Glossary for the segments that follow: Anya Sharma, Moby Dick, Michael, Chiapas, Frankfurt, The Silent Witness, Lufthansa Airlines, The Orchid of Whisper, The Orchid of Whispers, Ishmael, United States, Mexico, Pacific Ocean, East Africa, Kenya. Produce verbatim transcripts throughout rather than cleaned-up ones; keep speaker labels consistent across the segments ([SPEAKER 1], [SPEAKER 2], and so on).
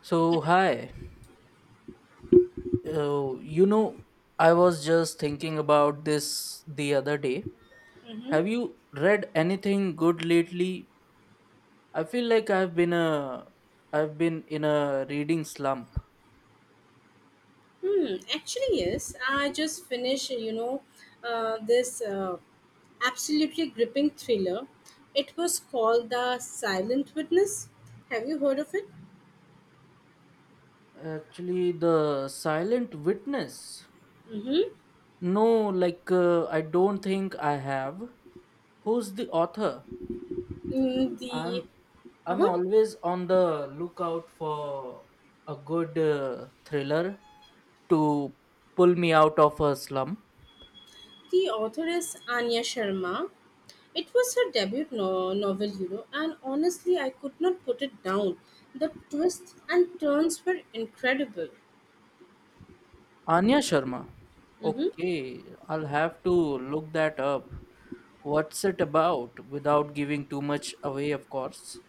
[SPEAKER 1] So, hi. Uh, you know, I was just thinking about this the other day. Have you read anything good lately? I feel like I've been a I've been in a reading slump.
[SPEAKER 2] Hmm, actually, yes. I just finished, you know, uh, this uh, absolutely gripping thriller. It was called The Silent Witness. Have you heard of it?
[SPEAKER 1] Actually, The Silent Witness.
[SPEAKER 2] Mm-hmm.
[SPEAKER 1] No, like uh, I don't think I have. Who's the author?
[SPEAKER 2] Mm, the,
[SPEAKER 1] I'm I'm
[SPEAKER 2] uh-huh.
[SPEAKER 1] always on the lookout for a good uh, thriller to pull me out of a slum.
[SPEAKER 2] The author is Anya Sharma. It was her debut no- novel, you know, and honestly, I could not put it down. The twists and turns were incredible.
[SPEAKER 1] Anya Sharma.
[SPEAKER 2] Mm-hmm.
[SPEAKER 1] Okay, I'll have to look that up. What's it about without giving too much away, of course?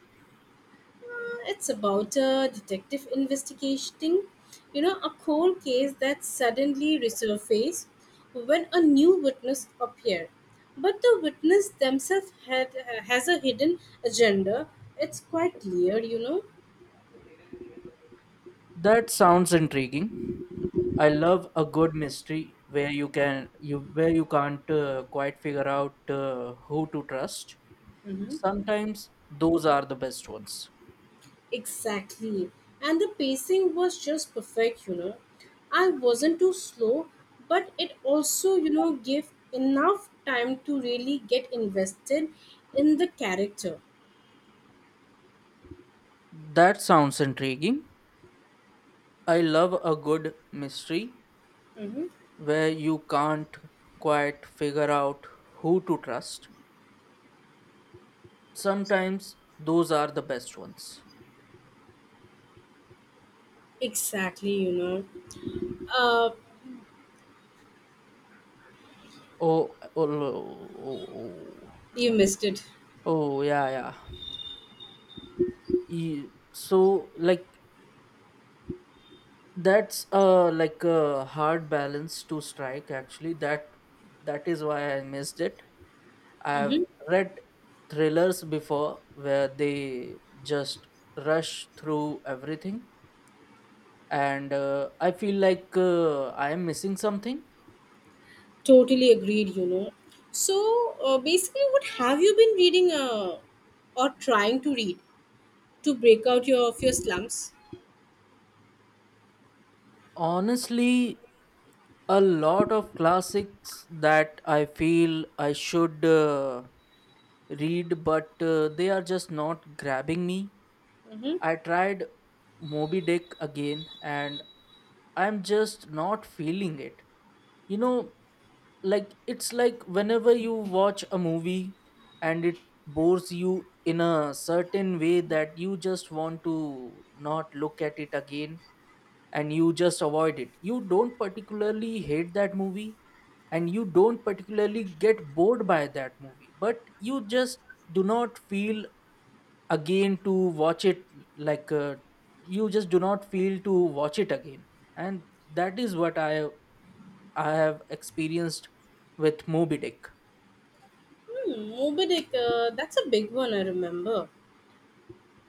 [SPEAKER 2] Uh, it's about a detective investigating, you know, a cold case that suddenly resurfaced when a new witness appeared. But the witness themselves had uh, has a hidden agenda. It's quite clear, you know.
[SPEAKER 1] That sounds intriguing. I love a good mystery where you can you where you can't, uh, quite figure out uh, who to trust. Sometimes those are the best ones.
[SPEAKER 2] Exactly. And the pacing was just perfect, you know. I wasn't too slow, but it also, you know, gave enough time to really get invested in the character.
[SPEAKER 1] That sounds intriguing. I love a good mystery
[SPEAKER 2] Mhm.
[SPEAKER 1] where you can't quite figure out who to trust. Sometimes those are the best ones.
[SPEAKER 2] Exactly, you know. Uh,
[SPEAKER 1] Oh, oh, oh, oh, oh
[SPEAKER 2] you missed it.
[SPEAKER 1] Oh, yeah, yeah. E- So, like, that's uh like a hard balance to strike. Actually, that that is why I missed it. I've
[SPEAKER 2] Hmm.
[SPEAKER 1] read thrillers before where they just rush through everything, and uh, I feel like uh, I am missing something.
[SPEAKER 2] Totally agreed, you know. So, uh, basically, what have you been reading uh, or trying to read to break out your, of your slumps?
[SPEAKER 1] Honestly, a lot of classics that I feel I should uh, read, but uh, they are just not grabbing me.
[SPEAKER 2] Mm-hmm.
[SPEAKER 1] I tried Moby Dick again and I'm just not feeling it. You know, like it's like whenever you watch a movie and it bores you in a certain way that you just want to not look at it again, and you just avoid it. You don't particularly hate that movie and you don't particularly get bored by that movie, but you just do not feel again to watch it, like uh, you just do not feel to watch it again, and that is what i i have experienced with Moby Dick.
[SPEAKER 2] Hmm, Moby Dick, uh, that's a big one, I remember.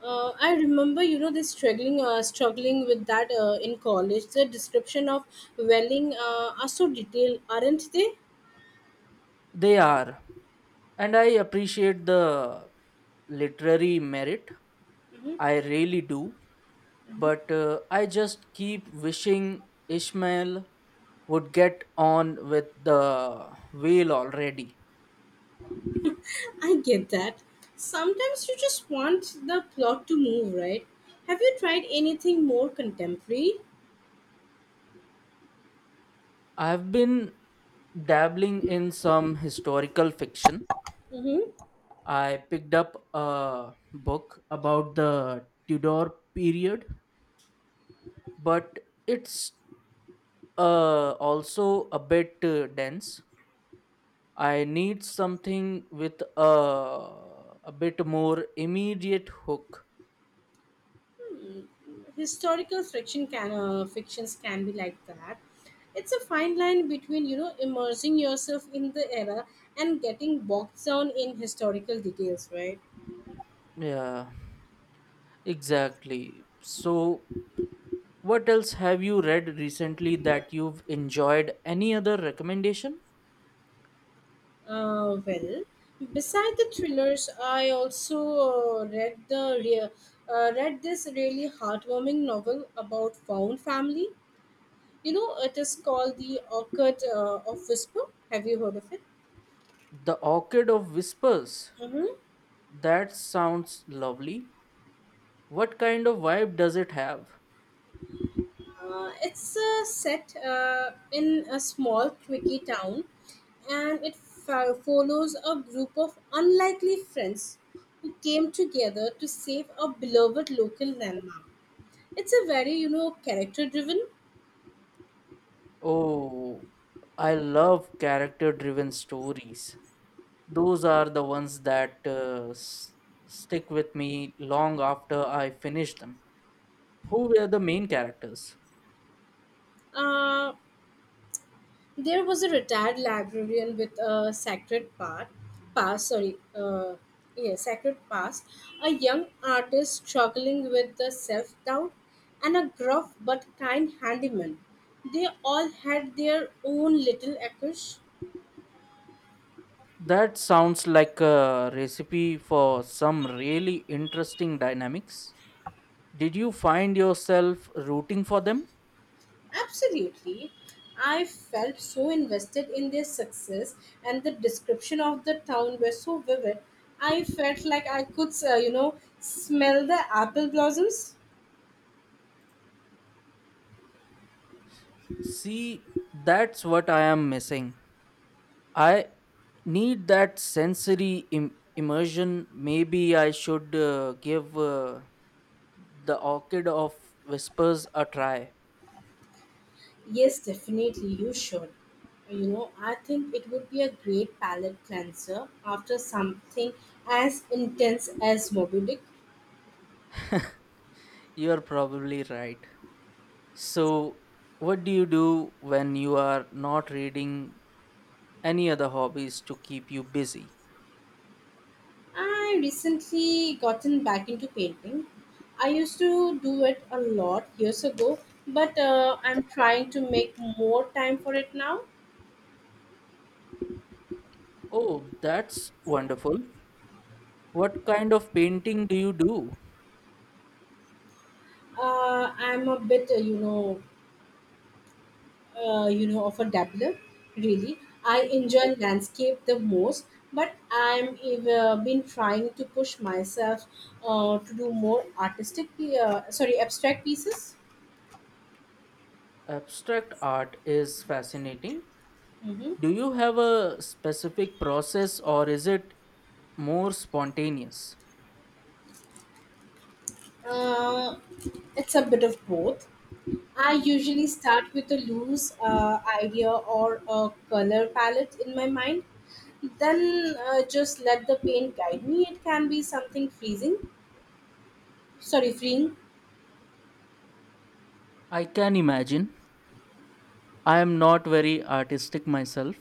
[SPEAKER 2] Uh, I remember, you know, this struggling, uh, struggling with that uh, in college. The description of welling uh, are so detailed, aren't they?
[SPEAKER 1] They are, and I appreciate the literary merit, I really do, but uh, I just keep wishing Ishmael would get on with the wheel already.
[SPEAKER 2] I get that. Sometimes you just want the plot to move, right? Have you tried anything more contemporary?
[SPEAKER 1] I've been dabbling in some historical fiction.
[SPEAKER 2] Mm-hmm.
[SPEAKER 1] I picked up a book about the Tudor period, but it's uh, also a bit uh, dense. I need something with a, a bit more immediate hook.
[SPEAKER 2] Historical fiction can uh, fictions can be like that. It's a fine line between you know immersing yourself in the era and getting bogged down in historical details, right?
[SPEAKER 1] Yeah. Exactly. So, what else have you read recently that you've enjoyed? Any other recommendation?
[SPEAKER 2] Uh, well, Beside the thrillers, I also uh, read the rea- uh, read this really heartwarming novel about found family. You know, it is called the Orchid uh, of Whisper. Have you heard of it?
[SPEAKER 1] The Orchid of Whispers.
[SPEAKER 2] Mm-hmm.
[SPEAKER 1] That sounds lovely. What kind of vibe does it have?
[SPEAKER 2] Uh, it's uh, set uh, in a small, quirky town, and it fo- follows a group of unlikely friends who came together to save a beloved local landmark. It's a very, you know, character-driven.
[SPEAKER 1] Oh, I love character driven stories. Those are the ones that uh, s- stick with me long after I finish them. Who were the main characters?
[SPEAKER 2] Uh, There was a retired librarian with a sacred part, past, sorry, uh, yeah, sacred past, a young artist struggling with the self doubt, and a gruff but kind handyman. They all had their own little echoes.
[SPEAKER 1] That sounds like a recipe for some really interesting dynamics. Did you find yourself rooting for them?
[SPEAKER 2] Absolutely. I felt so invested in their success, and the description of the town were so vivid. I felt like I could, uh, you know, smell the apple blossoms.
[SPEAKER 1] See, that's what I am missing. I need that sensory Im- immersion. Maybe I should uh, give uh, the Orchid of Whispers a try.
[SPEAKER 2] Yes, definitely, you should. You know, I think it would be a great palate cleanser after something as intense as Moby Dick.
[SPEAKER 1] You're probably right. So, what do you do when you are not reading? Any other hobbies to keep you busy?
[SPEAKER 2] I recently gotten back into painting. I used to do it a lot years ago, but uh, I'm trying to make more time for it now.
[SPEAKER 1] Oh, that's wonderful. What kind of painting do you do?
[SPEAKER 2] Uh, I'm a bit, uh, you know, uh, you know of a dabbler really. I enjoy landscape the most, but I'm ev- uh, been trying to push myself uh, to do more artistic pi- uh, sorry abstract pieces.
[SPEAKER 1] Abstract art is fascinating.
[SPEAKER 2] Hmm.
[SPEAKER 1] Do you have a specific process, or is it more spontaneous?
[SPEAKER 2] uh, it's a bit of both. I usually start with a loose uh, idea or a color palette in my mind, then uh, just let the paint guide me. It can be something freezing, sorry, freeing.
[SPEAKER 1] I can imagine. I am not very artistic myself,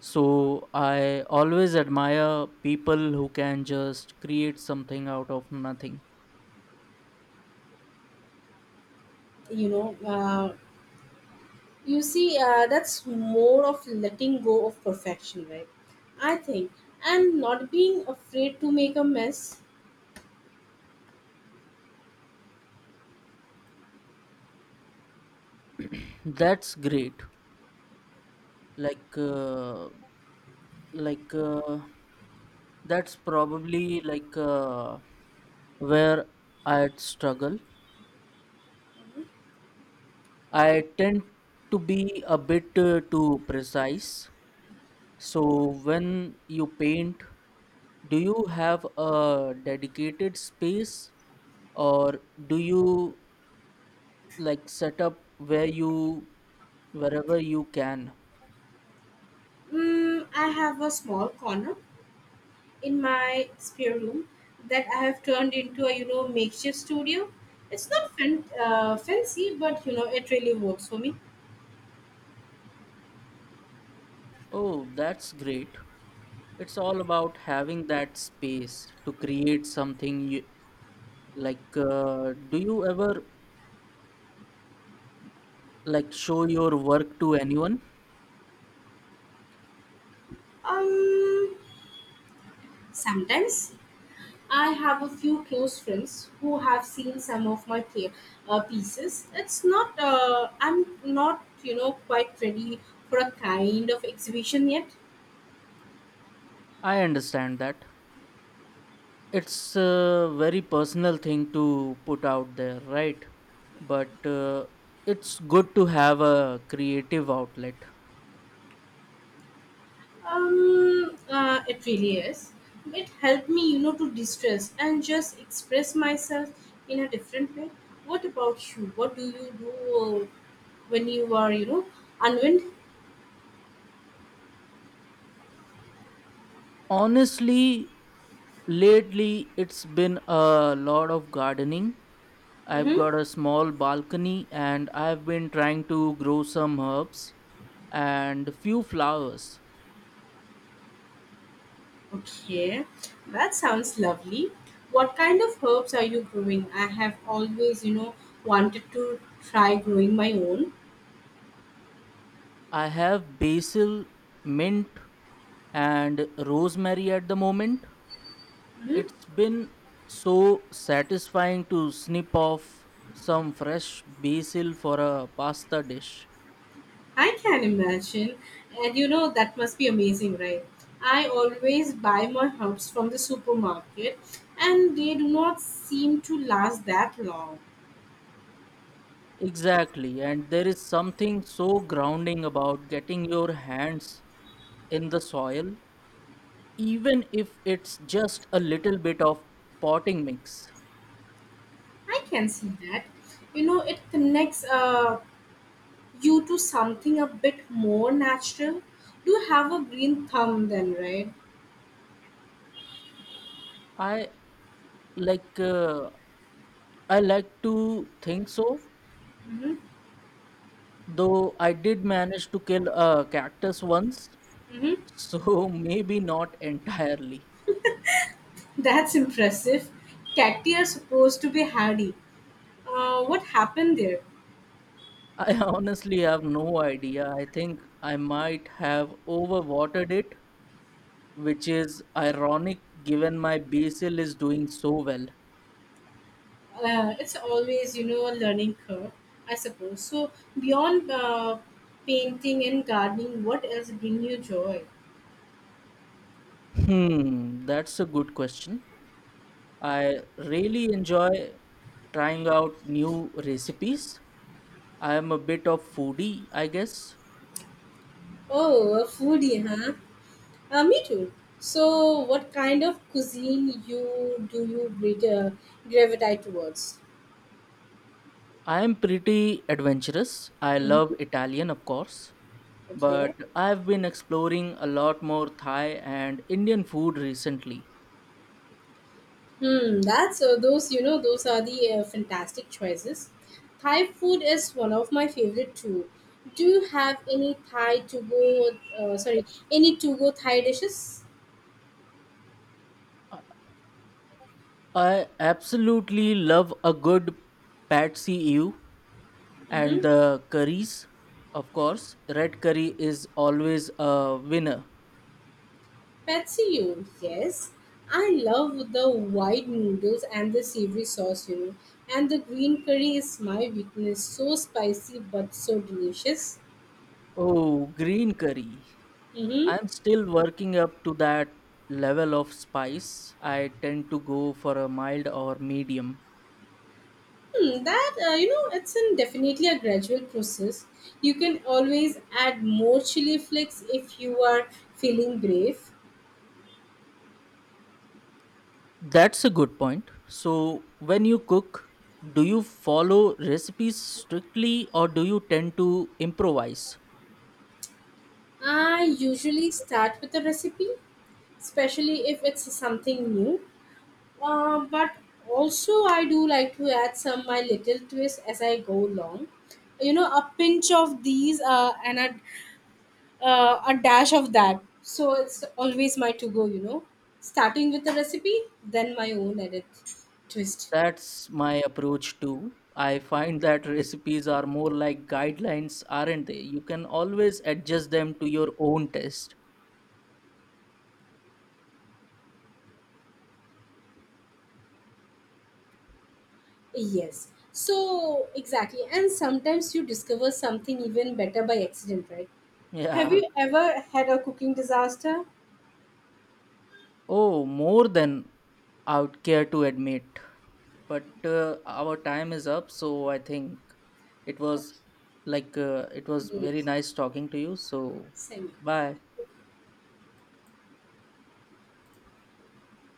[SPEAKER 1] so I always admire people who can just create something out of nothing.
[SPEAKER 2] you know uh, You see, uh, that's more of letting go of perfection, right? I think. And not being afraid to make a mess.
[SPEAKER 1] That's great. Like, uh, like uh, that's probably like. Uh, where I'd struggle. I tend to be a bit uh, too precise. So, when you paint, do you have a dedicated space, or do you like set up where you wherever you can?
[SPEAKER 2] Mm, I have a small corner in my spare room that I have turned into a, you know, makeshift studio. It's not fan- uh, fancy, but, you know, it really works for me.
[SPEAKER 1] Oh, that's great. It's all about having that space to create something you, like uh, Do you ever like show your work to anyone?
[SPEAKER 2] Um, Sometimes I have a few close friends who have seen some of my play, uh, pieces. It's not, uh, I'm not, you know, quite ready for a kind of exhibition yet.
[SPEAKER 1] I understand that. It's a very personal thing to put out there, right? But uh, it's good to have a creative outlet.
[SPEAKER 2] Um, uh, it really is. It helped me, you know, to distress and just express myself in a different way. What about you? What do you do uh, when you are, you know, unwind?
[SPEAKER 1] Honestly, lately it's been a lot of gardening. I've
[SPEAKER 2] Mm-hmm.
[SPEAKER 1] got a small balcony and I've been trying to grow some herbs and few flowers.
[SPEAKER 2] Okay, that sounds lovely. What kind of herbs are you growing? I have always, you know, wanted to try growing my own.
[SPEAKER 1] I have basil, mint, and rosemary at the moment. It's
[SPEAKER 2] Hmm.
[SPEAKER 1] been so satisfying to snip off some fresh basil for a pasta dish.
[SPEAKER 2] I can imagine. And you know, that must be amazing, right? I always buy my herbs from the supermarket and they do not seem to last that long.
[SPEAKER 1] Exactly, and there is something so grounding about getting your hands in the soil, even if it's just a little bit of potting mix.
[SPEAKER 2] I can see that. You know, it connects uh, you to something a bit more natural. Do have a green thumb then, right?
[SPEAKER 1] I like uh, I like to think so,
[SPEAKER 2] Mhm.
[SPEAKER 1] though I did manage to kill a cactus once,
[SPEAKER 2] Mhm.
[SPEAKER 1] so maybe not entirely.
[SPEAKER 2] That's impressive. Cacti are supposed to be hardy. Uh, what happened there?
[SPEAKER 1] I honestly have no idea. I think I might have overwatered it, which is ironic given my basil is doing so well.
[SPEAKER 2] Uh, it's always, you know, a learning curve, I suppose. So, beyond uh, painting and gardening, what else bring you joy?
[SPEAKER 1] Hmm, that's a good question. I really enjoy trying out new recipes. I am a bit of foodie, I guess.
[SPEAKER 2] Oh, a foodie, huh? Uh, me too. So, what kind of cuisine you do you gra- uh, gravitate towards?
[SPEAKER 1] I am pretty adventurous. I love
[SPEAKER 2] Hmm.
[SPEAKER 1] Italian, of course, but
[SPEAKER 2] Okay.
[SPEAKER 1] I've been exploring a lot more Thai and Indian food recently.
[SPEAKER 2] Hmm, that's uh, those you know those are the uh, fantastic choices. Thai food is one of my favorite too. Do you have any Thai to go? Uh, sorry, any to go Thai dishes?
[SPEAKER 1] I absolutely love a good pad see ew and
[SPEAKER 2] Mm-hmm.
[SPEAKER 1] the curries, of course. Red curry is always a winner.
[SPEAKER 2] Patsy, you yes, I love the white noodles and the savory sauce. You know, and the green curry is my weakness. So spicy but so delicious.
[SPEAKER 1] Oh, green curry.
[SPEAKER 2] Mm-hmm.
[SPEAKER 1] I'm still working up to that level of spice. I tend to go for a mild or medium.
[SPEAKER 2] Hmm, that uh, you know, it's an definitely a gradual process. You can always add more chili flakes if you are feeling brave.
[SPEAKER 1] That's a good point. So, when you cook, do you follow recipes strictly, or do you tend to improvise?
[SPEAKER 2] I usually start with a recipe, especially if it's something new. Uh, but also, I do like to add some my little twists as I go along. You know, a pinch of these uh, and a uh, a dash of that. So it's always my to go, you know. Starting with the recipe, then my own edit twist.
[SPEAKER 1] That's my approach too. I find that recipes are more like guidelines, aren't they? You can always adjust them to your own taste.
[SPEAKER 2] Yes. So exactly. And sometimes you discover something even better by accident, right? Have
[SPEAKER 1] Yeah.
[SPEAKER 2] you ever had a cooking disaster?
[SPEAKER 1] Oh, more than I would care to admit. But uh, our time is up, so I think it was
[SPEAKER 2] Okay.
[SPEAKER 1] like uh, it was
[SPEAKER 2] Great.
[SPEAKER 1] very nice talking to you. So,
[SPEAKER 2] Same.
[SPEAKER 1] bye.